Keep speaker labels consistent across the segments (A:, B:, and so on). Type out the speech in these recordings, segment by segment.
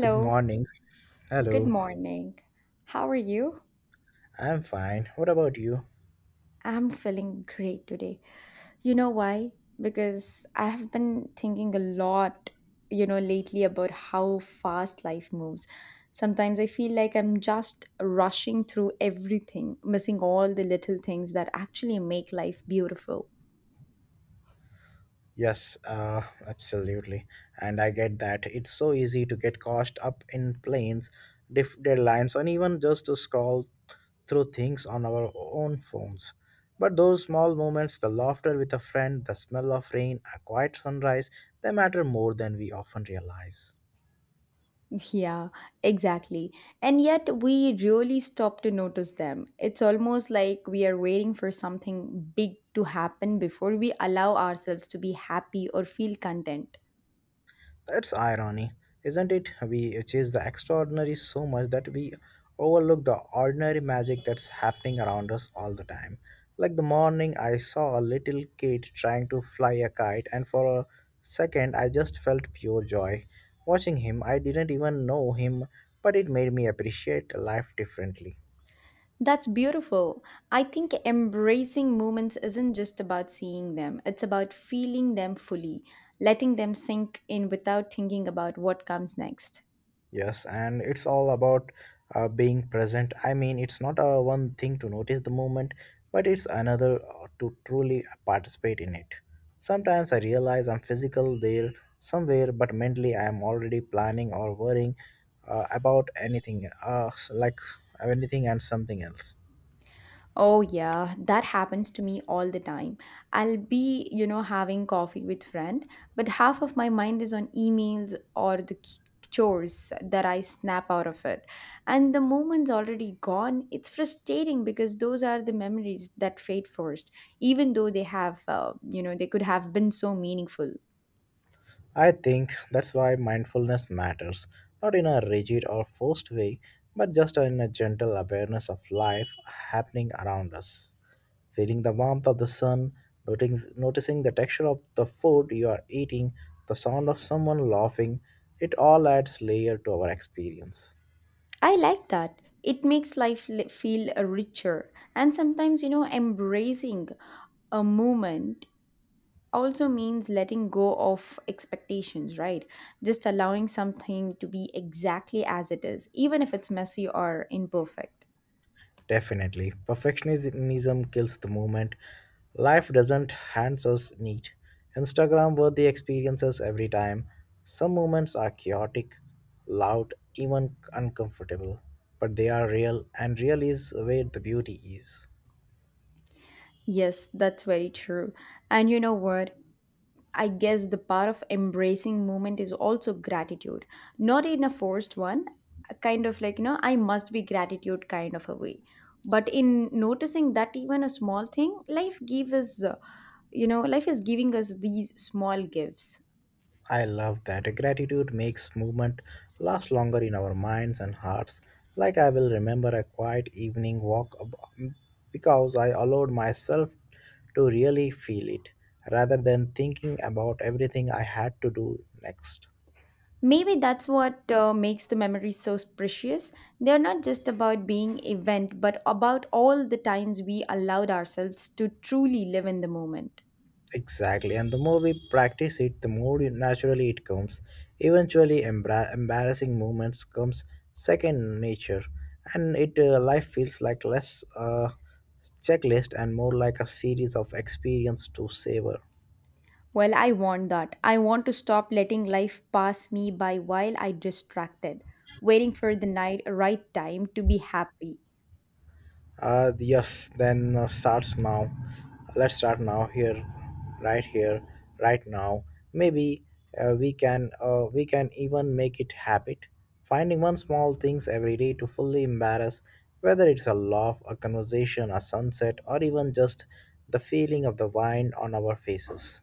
A: Good morning.
B: good
A: Hello.
B: morning. How are you?
A: I'm fine. What about you?
B: I'm feeling great today. You know why? Because I have been thinking a lot, lately about how fast life moves. Sometimes I feel like I'm just rushing through everything, missing all the little things that actually make life beautiful.
A: Yes, absolutely. And I get that. It's so easy to get caught up in planes, deadlines, and even just to scroll through things on our own phones. But those small moments, the laughter with a friend, the smell of rain, a quiet sunrise, they matter more than we often realize.
B: Yeah, exactly. And yet we really stop to notice them. It's almost like we are waiting for something big to happen before we allow ourselves to be happy or feel content.
A: That's irony, isn't it? We chase the extraordinary so much that we overlook the ordinary magic that's happening around us all the time. Like the morning, I saw a little kid trying to fly a kite, and for a second, I just felt pure joy. Watching him, I didn't even know him, but it made me appreciate life differently.
B: That's beautiful. I think embracing moments isn't just about seeing them, it's about feeling them fully, letting them sink in without thinking about what comes next.
A: Yes, and it's all about being present. I mean, it's not one thing to notice the moment, but it's another to truly participate in it. Sometimes I realize I'm physical there somewhere, but mentally I am already planning or worrying about anything, like anything and something else.
B: Oh, yeah, that happens to me all the time. I'll be, having coffee with friend, but half of my mind is on emails or the chores that I snap out of it. And the moment's already gone. It's frustrating because those are the memories that fade first, even though they could have been so meaningful.
A: I think that's why mindfulness matters, not in a rigid or forced way, but just in a gentle awareness of life happening around us. Feeling the warmth of the sun, noticing the texture of the food you are eating, the sound of someone laughing, it all adds layer to our experience.
B: I like that. It makes life feel richer. And sometimes, embracing a moment also means letting go of expectations, right? Just allowing something to be exactly as it is, even if it's messy or imperfect.
A: Definitely, perfectionism kills the moment. Life doesn't hand us neat, Instagram worthy experiences every time. Some moments are chaotic, loud, even uncomfortable, but they are real, and real is where the beauty is.
B: Yes, that's very true. And you know what? I guess the part of embracing movement is also gratitude, not in a forced one, a kind of like, I must be gratitude kind of a way. But in noticing that even a small thing, life gives us, you know, life is giving us these small gifts.
A: I love that. Gratitude makes movement last longer in our minds and hearts. Like I will remember a quiet evening because I allowed myself to really feel it rather than thinking about everything I had to do next.
B: Maybe that's what makes the memories so precious. They're not just about being event, but about all the times we allowed ourselves to truly live in the moment.
A: Exactly, and the more we practice it, the naturally it comes. Eventually, embarrassing moments comes second nature, and it life feels like less checklist and more like a series of experience to savor.
B: Well, I want that. I want to stop letting life pass me by while I distracted, waiting for the night right time to be happy.
A: Yes, then starts now. Let's start now here, right now. Maybe we can even make it habit. Finding one small things every day to fully embarrass, whether it's a laugh, a conversation, a sunset, or even just the feeling of the wine on our faces.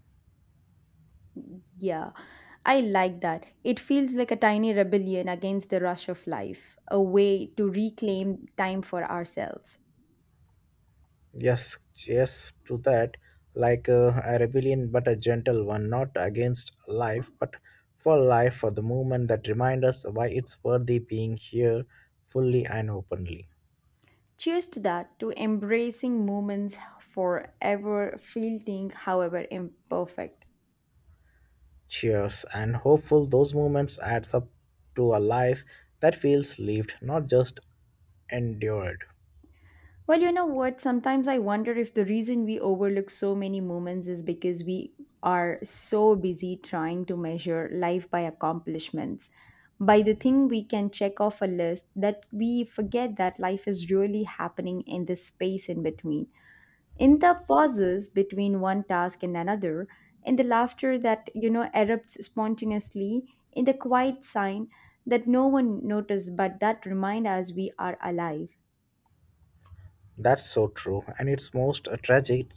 B: Yeah. I like that. It feels like a tiny rebellion against the rush of life, a way to reclaim time for ourselves.
A: Yes, yes, to that, like a rebellion, but a gentle one, not against life, but for life, for the movement that remind us why it's worthy being here fully and openly.
B: Cheers to that, to embracing moments forever fleeting, however imperfect.
A: Cheers and hopeful those moments adds up to a life that feels lived, not just endured.
B: Well, you know what? Sometimes I wonder if the reason we overlook so many moments is because we are so busy trying to measure life by accomplishments, by the thing we can check off a list, that we forget that life is really happening in this space in between in the pauses between one task and another, in the laughter that, erupts spontaneously, in the quiet sign that no one noticed but that remind us we are alive.
A: That's so true, and it's most tragic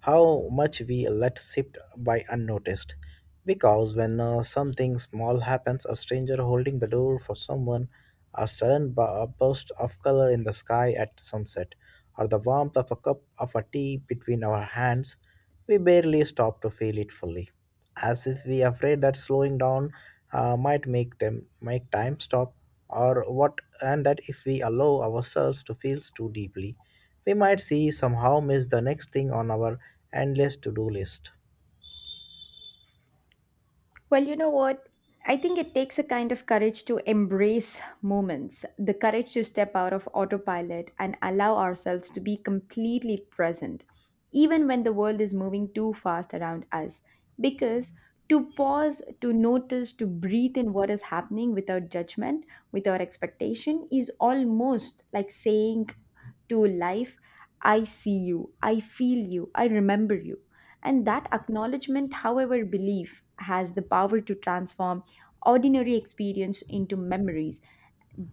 A: how much we let slip by unnoticed. Because when something small happens, a stranger holding the door for someone, a sudden burst of color in the sky at sunset, or the warmth of a cup of a tea between our hands, we barely stop to feel it fully as if we afraid that slowing down might make time stop or what, and that if we allow ourselves to feel too deeply we might see somehow miss the next thing on our endless to-do list.
B: Well, you know what? I think it takes a kind of courage to embrace moments, the courage to step out of autopilot and allow ourselves to be completely present, even when the world is moving too fast around us. Because to pause, to notice, to breathe in what is happening without judgment, without expectation, is almost like saying to life, I see you, I feel you, I remember you and that acknowledgement, however, belief has the power to transform ordinary experience into memories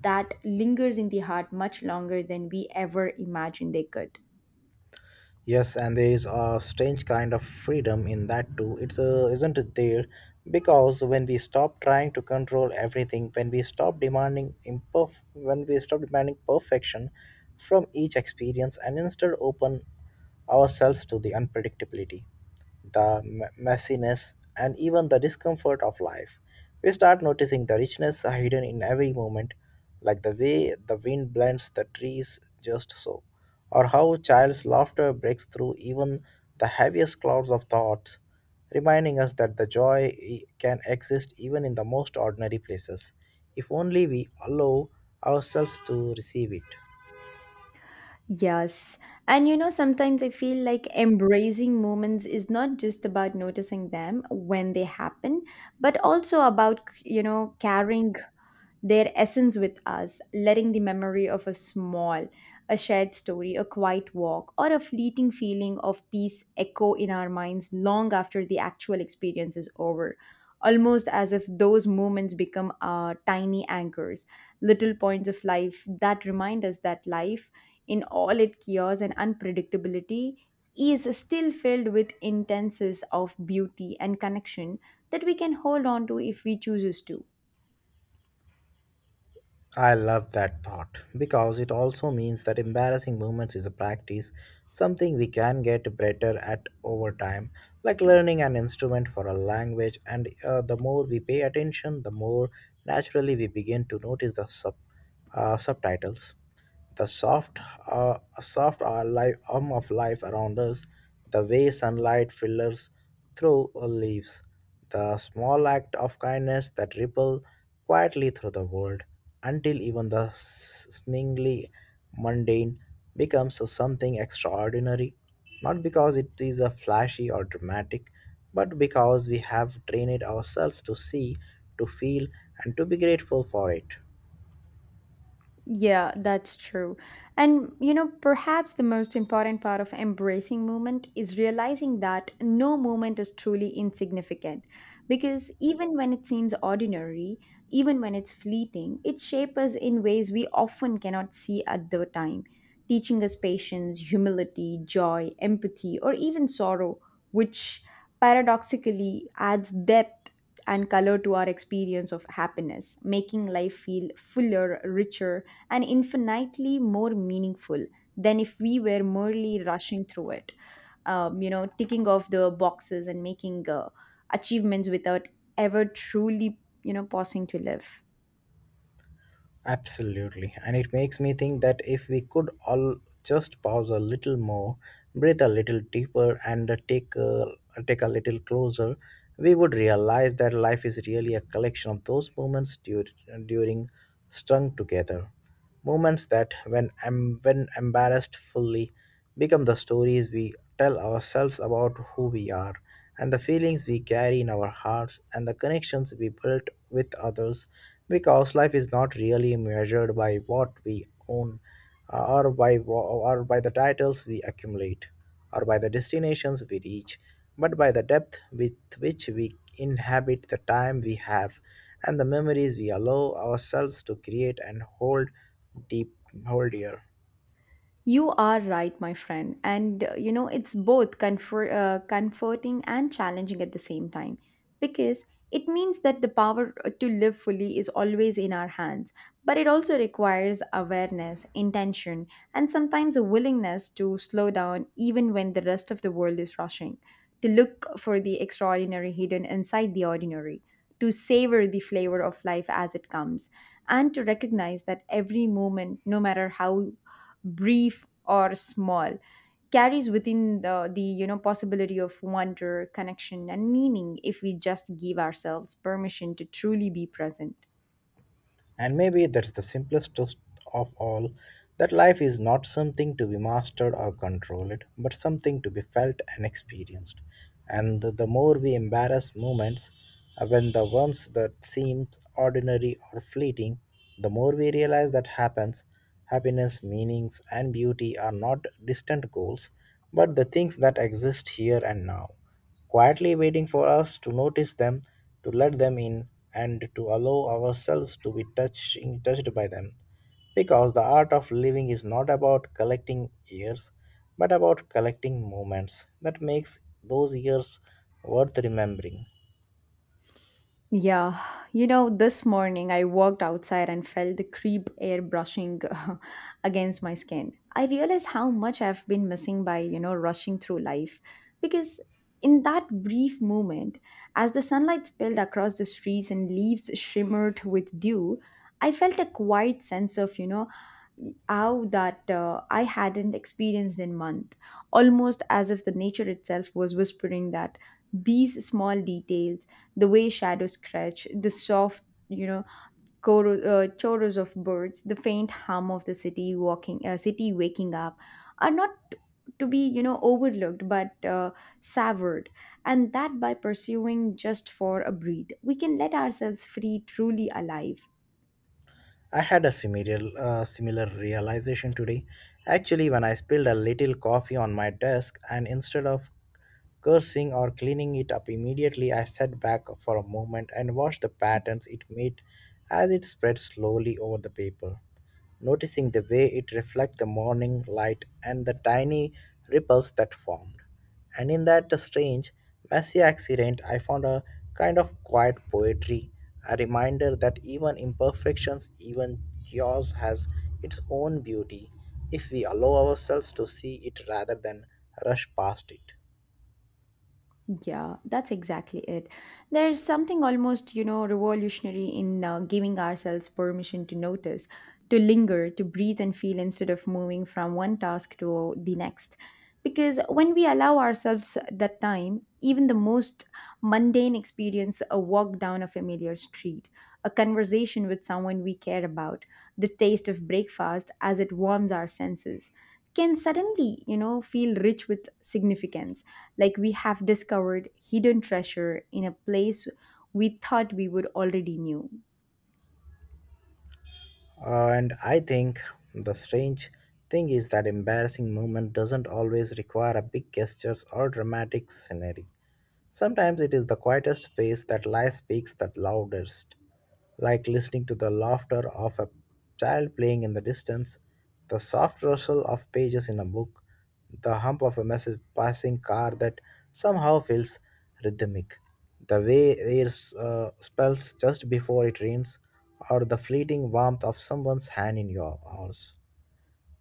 B: that lingers in the heart much longer than we ever imagined they could.
A: Yes, and there is a strange kind of freedom in that too. It's isn't it there? Because when we stop trying to control everything, when we stop demanding perfection from each experience, and instead open ourselves to the unpredictability, the messiness, and even the discomfort of life. We start noticing the richness hidden in every moment, like the way the wind blends the trees just so, or how a child's laughter breaks through even the heaviest clouds of thoughts, reminding us that can exist even in the most ordinary places, if only we allow ourselves to receive it.
B: Yes. And sometimes I feel like embracing moments is not just about noticing them when they happen, but also about, carrying their essence with us, letting the memory of a shared story, a quiet walk, or a fleeting feeling of peace echo in our minds long after the actual experience is over. Almost as if those moments become our tiny anchors, little points of life that remind us that life, in all its chaos and unpredictability, is still filled with intenses of beauty and connection that we can hold on to if we chooses to.
A: I love that thought because it also means that embarrassing moments is a practice, something we can get better at over time, like learning an instrument for a language. And the more we pay attention, the more naturally we begin to notice subtitles, the soft arm of life around us, the way sunlight filters through leaves, the small act of kindness that ripple quietly through the world, until even the seemingly mundane becomes something extraordinary, not because it is a flashy or dramatic, but because we have trained ourselves to see, to feel, and to be grateful for it.
B: Yeah, that's true. And perhaps the most important part of embracing movement is realizing that no movement is truly insignificant. Because even when it seems ordinary, even when it's fleeting, it shapes us in ways we often cannot see at the time, teaching us patience, humility, joy, empathy, or even sorrow, which paradoxically adds depth and color to our experience of happiness, making life feel fuller, richer, and infinitely more meaningful than if we were merely rushing through it, ticking off the boxes and making achievements without ever truly, pausing to live.
A: Absolutely. And it makes me think that if we could all just pause a little more, breathe a little deeper, and take a little closer, we would realize that life is really a collection of those moments during strung together. Moments that, when embarrassed fully, become the stories we tell ourselves about who we are and the feelings we carry in our hearts and the connections we build with others, because life is not really measured by what we own or by or by the titles we accumulate or by the destinations we reach, but by the depth with which we inhabit the time we have and the memories we allow ourselves to create and deep hold dear.
B: You are right, my friend. And it's both comforting and challenging at the same time because it means that the power to live fully is always in our hands. But it also requires awareness, intention, and sometimes a willingness to slow down even when the rest of the world is rushing, to look for the extraordinary hidden inside the ordinary, to savor the flavor of life as it comes, and to recognize that every moment, no matter how brief or small, carries within the possibility of wonder, connection, and meaning if we just give ourselves permission to truly be present.
A: And maybe that's the simplest truth of all, that life is not something to be mastered or controlled, but something to be felt and experienced. And the more we embrace moments, when the ones that seem ordinary or fleeting, the more we realize that happiness, meanings, and beauty are not distant goals, but the things that exist here and now quietly waiting for us to notice them, to let them in, and to allow ourselves to be touched, touched by them. Because the art of living is not about collecting years, but about collecting moments that makes those years worth remembering.
B: Yeah, this morning I walked outside and felt the creep air brushing against my skin. I realized how much I've been missing by, rushing through life. Because in that brief moment, as the sunlight spilled across the streets and leaves shimmered with dew, I felt a quiet sense of, how that I hadn't experienced in month, almost as if the nature itself was whispering that these small details the way shadows scratch, the soft, you know, choros of birds, the faint hum of the city waking up, are not to be, overlooked but savored. And that by pursuing just for a breathe, we can let ourselves free, truly alive.
A: I had a similar realization today. Actually, when I spilled a little coffee on my desk, and instead of cursing or cleaning it up immediately, I sat back for a moment and watched the patterns it made as it spread slowly over the paper, noticing the way it reflected the morning light and the tiny ripples that formed. And in that strange, messy accident, I found a kind of quiet poetry, a reminder that even imperfections, even chaos has its own beauty if we allow ourselves to see it rather than rush past it.
B: Yeah, that's exactly it. There's something almost, revolutionary in giving ourselves permission to notice, to linger, to breathe and feel instead of moving from one task to the next. Because when we allow ourselves that time, even the most mundane experience, a walk down a familiar street, a conversation with someone we care about, the taste of breakfast as it warms our senses, can suddenly, feel rich with significance like we have discovered hidden treasure in a place we thought we would already knew.
A: And I think the strange thing is that embarrassing moment doesn't always require a big gestures or dramatic scenery. Sometimes it is the quietest space that life speaks the loudest, like listening to the laughter of a child playing in the distance, the soft rustle of pages in a book, the hum of a message passing car that somehow feels rhythmic, the way air spells just before it rains, or the fleeting warmth of someone's hand in your arms,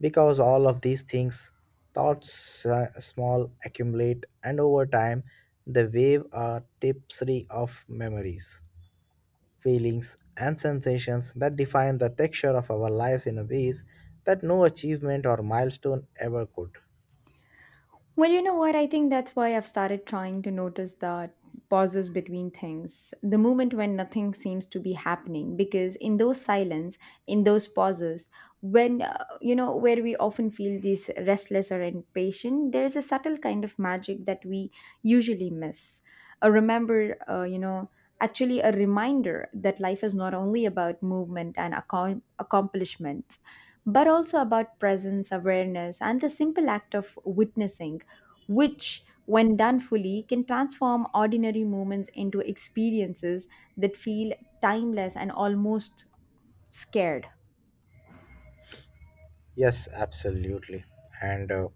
A: because all of these things, thoughts small, accumulate, and over time they wave a tapestry of memories, feelings, and sensations that define the texture of our lives in ways that no achievement or milestone ever could.
B: Well, you know what? I think that's why I've started trying to notice the pauses between things, the moment when nothing seems to be happening, because in those silence, in those pauses, when where we often feel this restless or impatient, there's a subtle kind of magic that we usually miss. A remember, you know, actually a reminder that life is not only about movement and accomplishments, but also about presence, awareness, and the simple act of witnessing which, when done fully, can transform ordinary moments into experiences that feel timeless and almost scared.
A: Yes, absolutely. And uh,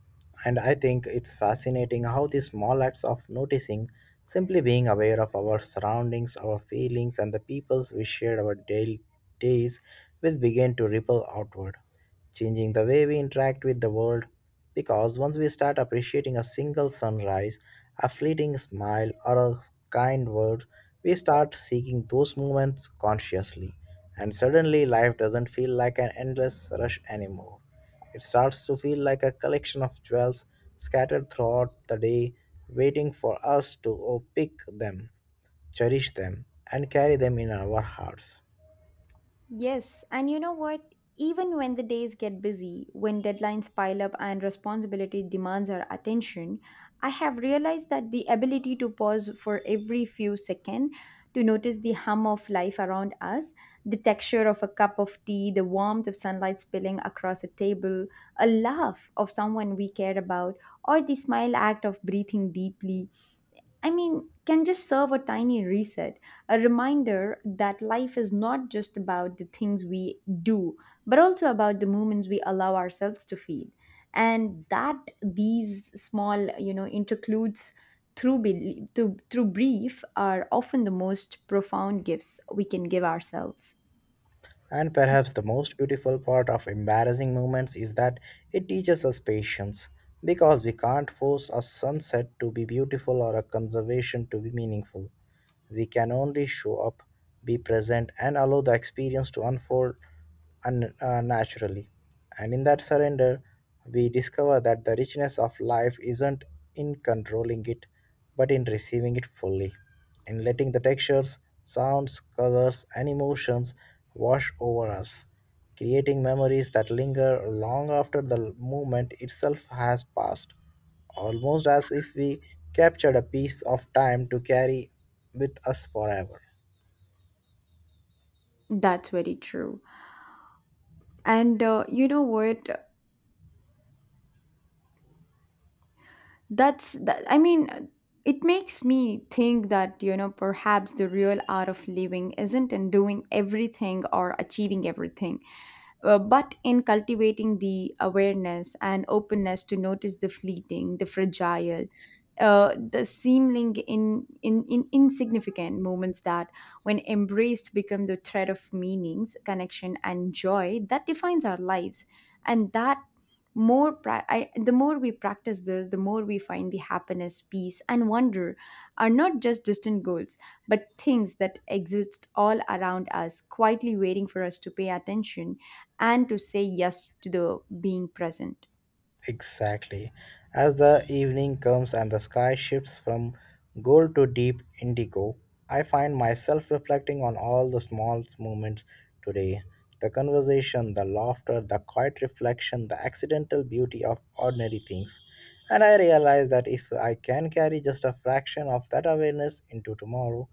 A: and I think it's fascinating how these small acts of noticing, simply being aware of our surroundings, our feelings, and the peoples we share our daily days, will begin to ripple outward, changing the way we interact with the world. Because once we start appreciating a single sunrise, a fleeting smile, or a kind word, we start seeking those moments consciously, and suddenly, life doesn't feel like an endless rush anymore. It starts to feel like a collection of jewels scattered throughout the day, waiting for us to pick them, cherish them, and carry them in our hearts.
B: Yes, and you know what? Even when the days get busy, when deadlines pile up and responsibility demands our attention, I have realized that the ability to pause for every few seconds to notice the hum of life around us, the texture of a cup of tea, the warmth of sunlight spilling across a table, a laugh of someone we care about, or the smile act of breathing deeply I mean, can just serve a tiny reset, a reminder that life is not just about the things we do, but also about the moments we allow ourselves to feel. And that these small, intercludes through brief are often the most profound gifts we can give ourselves.
A: And perhaps the most beautiful part of embarrassing moments is that it teaches us patience, because we can't force a sunset to be beautiful or a conservation to be meaningful. We can only show up, be present, and allow the experience to unfold naturally. And in that surrender, we discover that the richness of life isn't in controlling it, but in receiving it fully and letting the textures, sounds, colors, and emotions wash over us, creating memories that linger long after the moment itself has passed, almost as if we captured a piece of time to carry with us forever.
B: That's very true. And you know what? I mean, it makes me think that perhaps the real art of living isn't in doing everything or achieving everything but in cultivating the awareness and openness to notice the fleeting, the fragile, the seeming in insignificant moments that, when embraced, become the thread of meanings, connection, and joy that defines our lives. And that the more we practice this, the more we find the happiness, peace, and wonder are not just distant goals but things that exist all around us quietly waiting for us to pay attention and to say yes to the being present.
A: Exactly. As the evening comes and the sky shifts from gold to deep indigo, I find myself reflecting on all the small moments today. The conversation, the laughter, the quiet reflection, the accidental beauty of ordinary things. And I realize that if I can carry just a fraction of that awareness into tomorrow,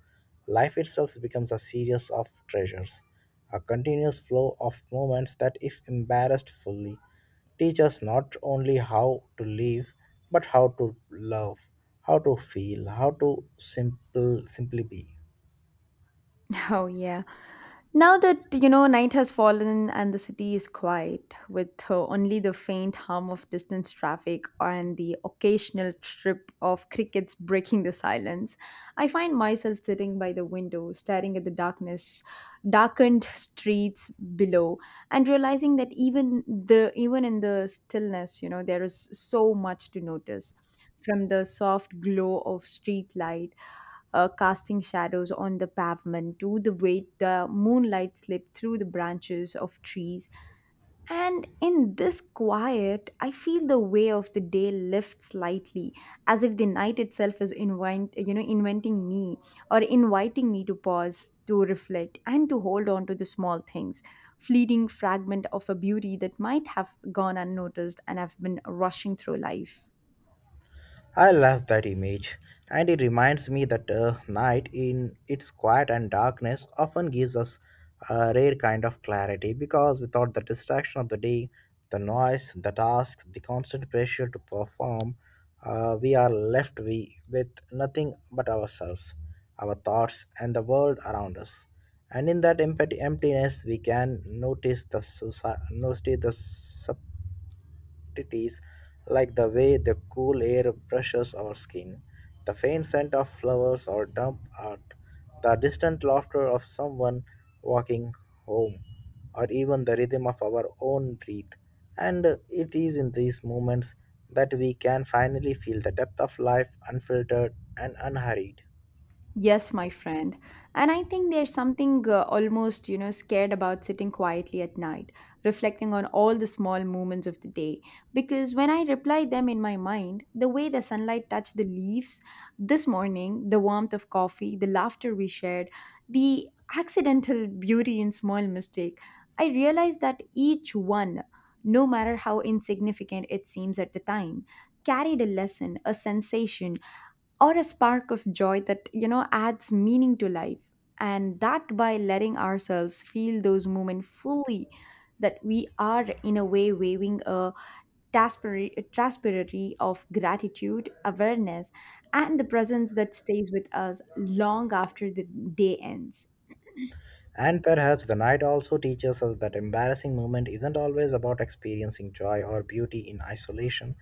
A: life itself becomes a series of treasures, a continuous flow of moments that, if embarrassed fully, teach us not only how to live but how to love, how to feel, how to simple simply be.
B: Oh, yeah. Now that, night has fallen and the city is quiet, with only the faint hum of distant traffic and the occasional trip of crickets breaking the silence, I find myself sitting by the window, staring at the darkened streets below, and realizing that even in the stillness, there is so much to notice. From the soft glow of street light casting shadows on the pavement, to the way the moonlight slipped through the branches of trees. And in this quiet, I feel the way of the day lift slightly, as if the night itself is invent, you know, inventing me or inviting me to pause, to reflect, and to hold on to the small things, fleeting fragment of a beauty that might have gone unnoticed and have been rushing through life.
A: I love that image, and it reminds me that night, in its quiet and darkness, often gives us a rare kind of clarity because without the distraction of the day, the noise, the tasks, the constant pressure to perform, we are left we, with nothing but ourselves, our thoughts, and the world around us. And in that emptiness, we can notice the subtleties, like the way the cool air brushes our skin, the faint scent of flowers or damp earth, the distant laughter of someone walking home, or even the rhythm of our own breath. And it is in these moments that we can finally feel the depth of life unfiltered and unhurried.
B: Yes, my friend. And I think there's something almost, scared about sitting quietly at night, reflecting on all the small moments of the day. Because when I reply them in my mind, the way the sunlight touched the leaves this morning, the warmth of coffee, the laughter we shared, the accidental beauty in small mistake, I realize that each one, no matter how insignificant it seems at the time, carried a lesson, a sensation, or a spark of joy that adds meaning to life, and that by letting ourselves feel those moments fully, that we are in a way waving a a transparency of gratitude awareness and the presence that stays with us long after the day ends.
A: And perhaps the night also teaches us that embarrassing moment isn't always about experiencing joy or beauty in isolation.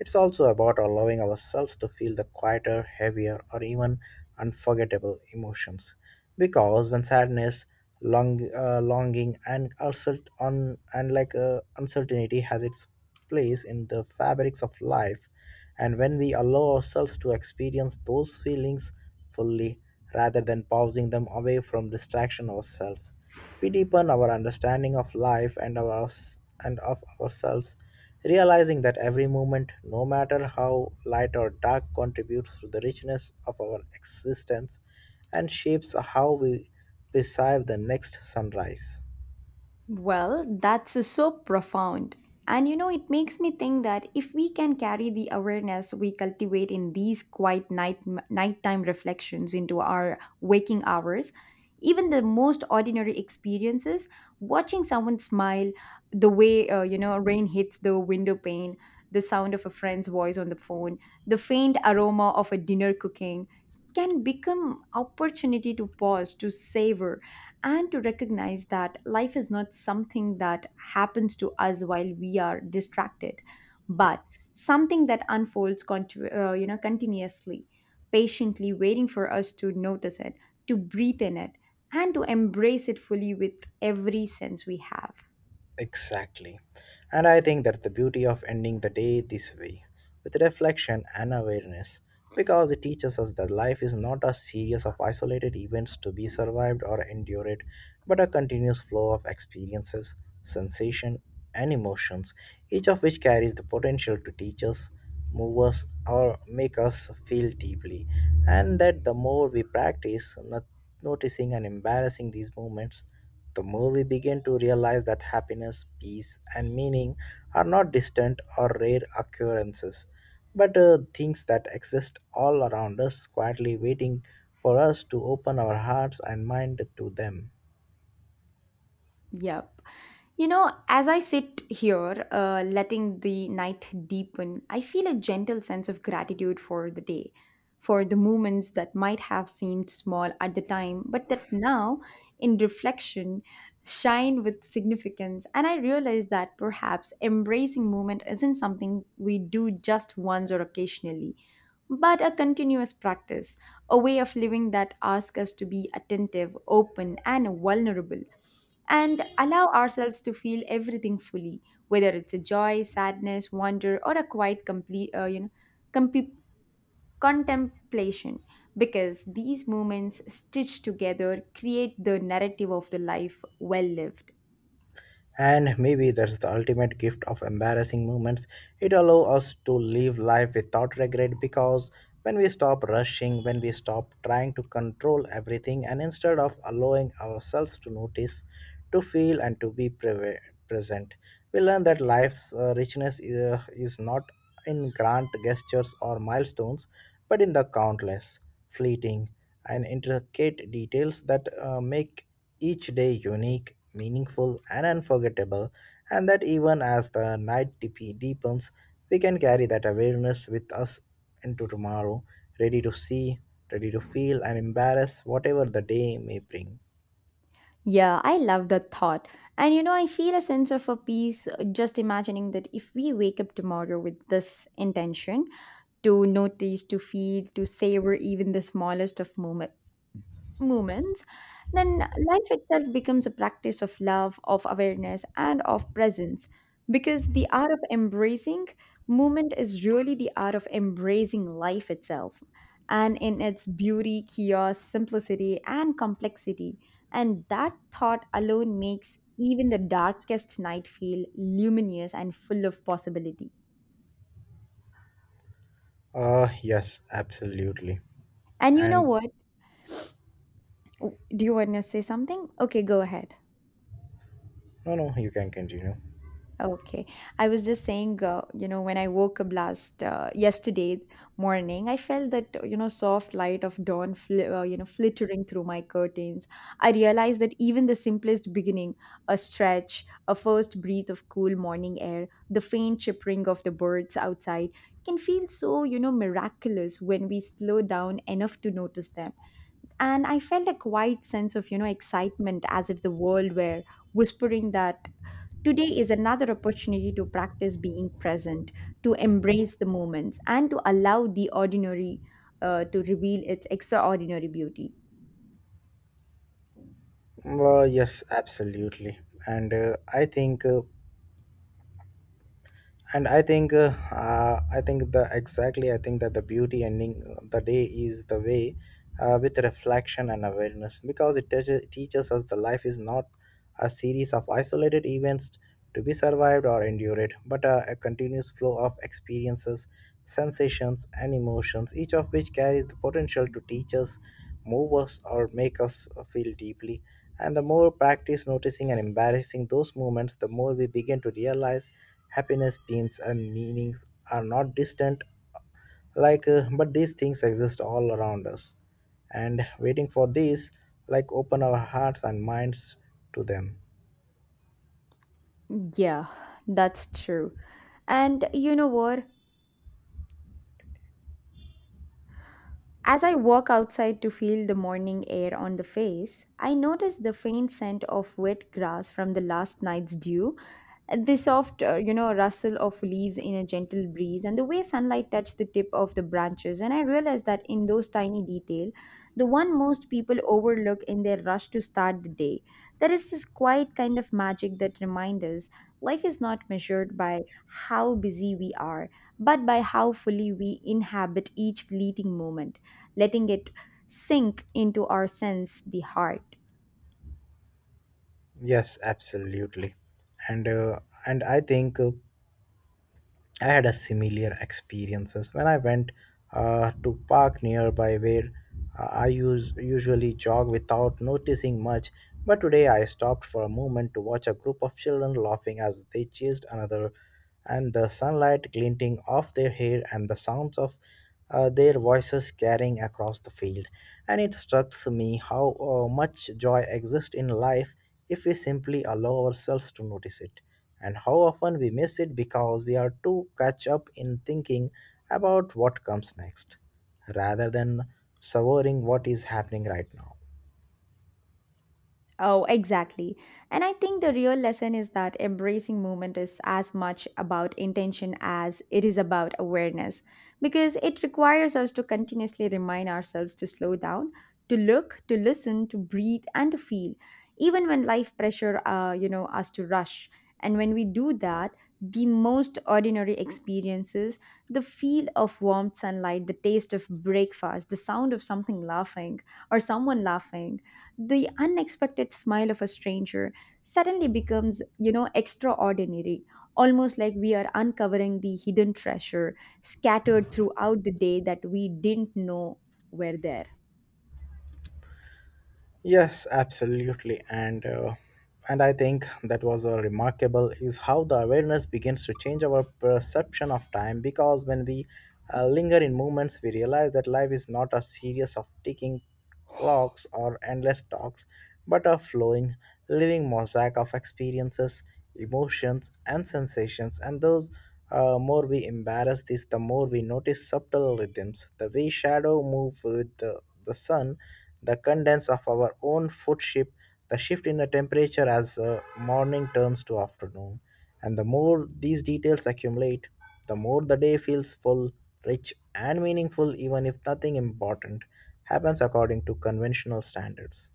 A: It's also about allowing ourselves to feel the quieter, heavier, or even unforgettable emotions. Because when sadness, long, longing, and uncert- un- and like uncertainty has its place in the fabrics of life, and when we allow ourselves to experience those feelings fully rather than pausing them away from distraction ourselves. We deepen our understanding of life and of ourselves, realizing that every moment, no matter how light or dark, contributes to the richness of our existence and shapes how we perceive the next sunrise.
B: Well, that's so profound. And you know, it makes me think that if we can carry the awareness we cultivate in these quiet night nighttime reflections into our waking hours, even the most ordinary experiences, watching someone smile, the way rain hits the window pane, the sound of a friend's voice on the phone, the faint aroma of a dinner cooking, can become opportunity to pause, to savor, and to recognize that life is not something that happens to us while we are distracted, but something that unfolds continuously, patiently waiting for us to notice it, to breathe in it, and to embrace it fully with every sense we have.
A: Exactly. And I think that's the beauty of ending the day this way, with reflection and awareness, because it teaches us that life is not a series of isolated events to be survived or endured, but a continuous flow of experiences, sensation, and emotions, each of which carries the potential to teach us, move us, or make us feel deeply. And that the more we practice not noticing and embarrassing these moments, the more we begin to realize that happiness, peace, and meaning are not distant or rare occurrences, but things that exist all around us, quietly waiting for us to open our hearts and mind to them.
B: Yep. You know, as I sit here, letting the night deepen, I feel a gentle sense of gratitude for the day, for the moments that might have seemed small at the time, but that now, in reflection, shine with significance. And I realize that perhaps embracing movement isn't something we do just once or occasionally, but a continuous practice, a way of living that asks us to be attentive, open, and vulnerable, and allow ourselves to feel everything fully, whether it's a joy, sadness, wonder, or a quiet complete, you know, comp- contemplation. Because these moments stitched together create the narrative of the life well lived.
A: And maybe that's the ultimate gift of embarrassing moments. It allows us to live life without regret because when we stop rushing, when we stop trying to control everything, and instead of allowing ourselves to notice, to feel, and to be present, we learn that life's richness is not in grand gestures or milestones, but in the countless fleeting, and intricate details that make each day unique, meaningful, and unforgettable. And that even as the night deepens, we can carry that awareness with us into tomorrow, ready to see, ready to feel, and embrace whatever the day may bring.
B: Yeah, I love that thought. And you know, I feel a sense of a peace just imagining that if we wake up tomorrow with this intention, to notice, to feel, to savor even the smallest of moments, then life itself becomes a practice of love, of awareness, and of presence. Because the art of embracing movement is really the art of embracing life itself, and in its beauty, chaos, simplicity, and complexity. And that thought alone makes even the darkest night feel luminous and full of possibility.
A: Yes, absolutely.
B: And you know
A: And
B: what? Do you want to say something? Okay, go ahead.
A: no, no, you can continue.
B: Okay. I was just saying, when I woke up last yesterday morning, I felt that, soft light of dawn, flittering through my curtains. I realized that even the simplest beginning, a stretch, a first breath of cool morning air, the faint chirping of the birds outside can feel so, miraculous when we slow down enough to notice them. And I felt a quiet sense of, excitement, as if the world were whispering that today is another opportunity to practice being present, to embrace the moments, and to allow the ordinary to reveal its extraordinary beauty.
A: Well, yes, absolutely. And I think and I think the exactly I think that the beauty ending the day is the way with reflection and awareness because it teaches us the life is not a series of isolated events to be survived or endured but a continuous flow of experiences, sensations, and emotions, each of which carries the potential to teach us, move us, or make us feel deeply. And the more practice noticing and embarrassing those moments, the more we begin to realize happiness, pains, and meanings are not distant, but these things exist all around us, and waiting for these, like open our hearts and minds to them.
B: Yeah, that's true. And you know what? As I walk outside to feel the morning air on the face, I notice the faint scent of wet grass from the last night's dew, the soft, rustle of leaves in a gentle breeze, and the way sunlight touched the tip of the branches. And I realize that in those tiny detail, the one most people overlook in their rush to start the day, there is this quiet kind of magic that reminds us life is not measured by how busy we are, but by how fully we inhabit each fleeting moment, letting it sink into our sense, the heart.
A: Yes, absolutely, and uh, and I think I had a similar experiences when I went to park nearby where usually jog without noticing much. But today I stopped for a moment to watch a group of children laughing as they chased another, and the sunlight glinting off their hair and the sounds of their voices carrying across the field. And it struck me how much joy exists in life if we simply allow ourselves to notice it. And how often we miss it because we are too catch up in thinking about what comes next, rather than savoring what is happening right now.
B: Oh, exactly. And I think the real lesson is that embracing movement is as much about intention as it is about awareness, because it requires us to continuously remind ourselves to slow down, to look, to listen, to breathe, and to feel, even when life pressure, us to rush. And when we do that, the most ordinary experiences, the feel of warm sunlight, the taste of breakfast, the sound of something laughing or someone laughing, the unexpected smile of a stranger, suddenly becomes extraordinary, almost like we are uncovering the hidden treasure scattered throughout the day that we didn't know were there.
A: Yes, absolutely. And I think that was a remarkable is how the awareness begins to change our perception of time because when we linger in moments, we realize that life is not a series of ticking clocks or endless talks, but a flowing, living mosaic of experiences, emotions, and sensations. And those more we embrace this, the more we notice subtle rhythms, the way shadow move with the sun, the condense of our own food, the shift in the temperature as morning turns to afternoon. And the more these details accumulate, the more the day feels full, rich, and meaningful, even if nothing important happens according to conventional standards.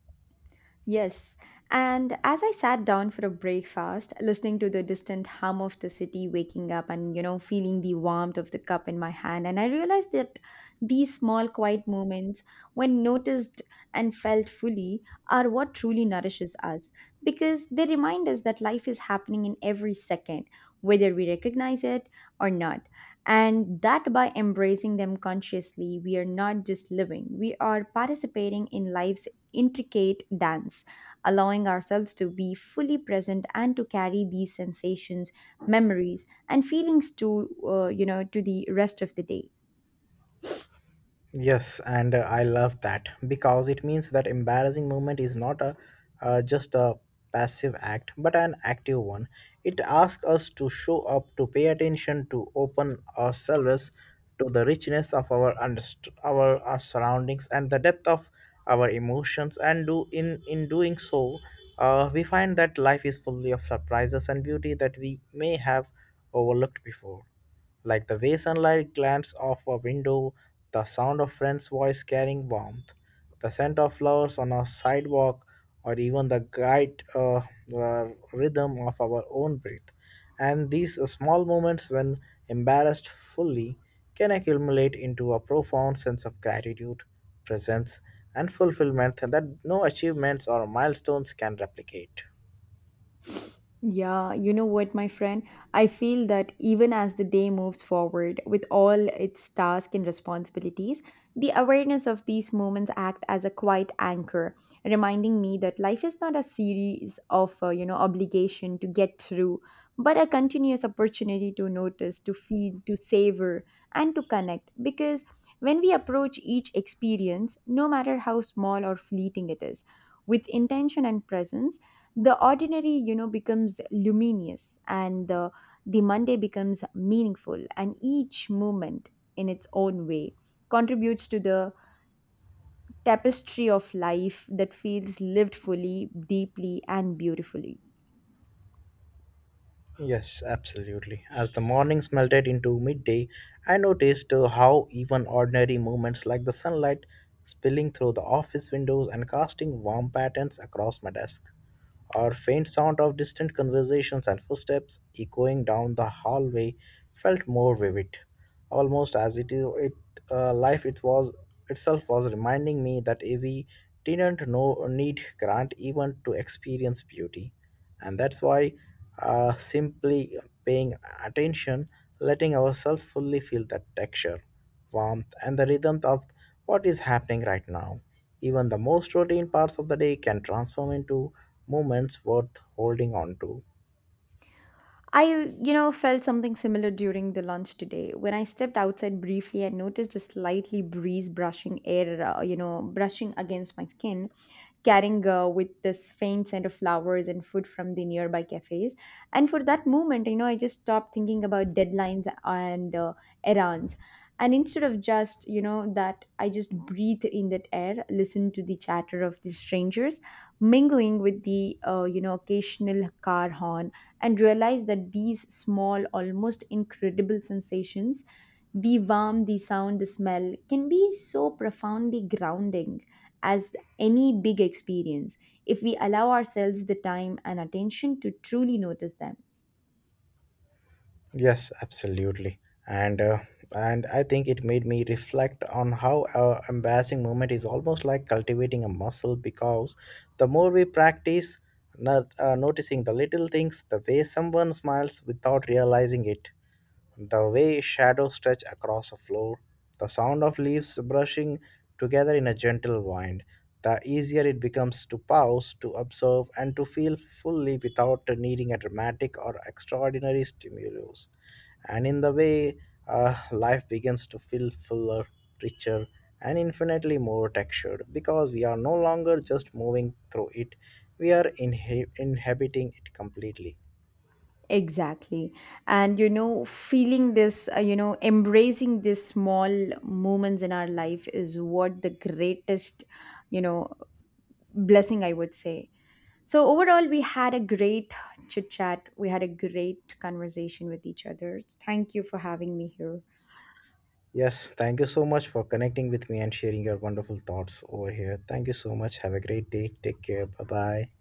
B: Yes. And as I sat down for a breakfast, listening to the distant hum of the city waking up and, feeling the warmth of the cup in my hand, and I realized that these small, quiet moments, when noticed and felt fully, are what truly nourishes us, because they remind us that life is happening in every second, whether we recognize it or not. And that by embracing them consciously, we are not just living, we are participating in life's intricate dance, allowing ourselves to be fully present and to carry these sensations, memories, and feelings to to the rest of the day.
A: Yes, and I love that because it means that embarrassing movement is not a just a passive act but an active one. It asks us to show up, to pay attention, to open ourselves to the richness of our surroundings and the depth of our emotions. And do in doing so, we find that life is fully of surprises and beauty that we may have overlooked before, like the way sunlight glances off a window, the sound of friend's voice carrying warmth, the scent of flowers on a sidewalk, or even the guide rhythm of our own breath. And these small moments, when embarrassed fully, can accumulate into a profound sense of gratitude, presence, and fulfillment that no achievements or milestones can replicate.
B: Yeah, you know what, my friend? I feel that even as the day moves forward with all its tasks and responsibilities, the awareness of these moments act as a quiet anchor, reminding me that life is not a series of, obligation to get through, but a continuous opportunity to notice, to feel, to savor, and to connect. Because when we approach each experience, no matter how small or fleeting it is, with intention and presence, the ordinary becomes luminous, and the monday becomes meaningful, and each moment, in its own way, contributes to the tapestry of life that feels lived fully, deeply, and beautifully.
A: Yes, absolutely. As the mornings melted into midday, I noticed how even ordinary moments, like the sunlight spilling through the office windows and casting warm patterns across my desk, or faint sound of distant conversations and footsteps echoing down the hallway felt more vivid, almost as it is it life it was itself was reminding me that we didn't know need grant even to experience beauty, and that's why simply paying attention, letting ourselves fully feel that texture, warmth, and the rhythm of what is happening right now, even the most routine parts of the day can transform into moments worth holding on to.
B: I felt something similar during the lunch today when I stepped outside briefly and noticed a slightly breeze brushing air you know brushing against my skin, carrying with this faint scent of flowers and food from the nearby cafes. And for that moment, I just stopped thinking about deadlines and errands. And instead of just, that I just breathed in that air, listened to the chatter of the strangers, mingling with the, occasional car horn, and realized that these small, almost incredible sensations, the warmth, the sound, the smell, can be so profoundly grounding as any big experience, if we allow ourselves the time and attention to truly notice them.
A: Yes, absolutely. And uh, and I think it made me reflect on how embarrassing moment is almost like cultivating a muscle because the more we practice not, noticing the little things, the way someone smiles without realizing it, the way shadows stretch across a floor, the sound of leaves brushing together in a gentle wind, the easier it becomes to pause, to observe, and to feel fully without needing a dramatic or extraordinary stimulus. And in the way, life begins to feel fuller, richer, and infinitely more textured because we are no longer just moving through it, we are inhabiting it completely.
B: Exactly. And you know, feeling this, embracing these small moments in our life is what the greatest, you know, blessing I would say. So, overall, we had a great chit chat. We had a great conversation with each other. Thank you for having me here.
A: Yes, thank you so much for connecting with me and sharing your wonderful thoughts over here. Thank you so much. Have a great day. Take care. Bye bye.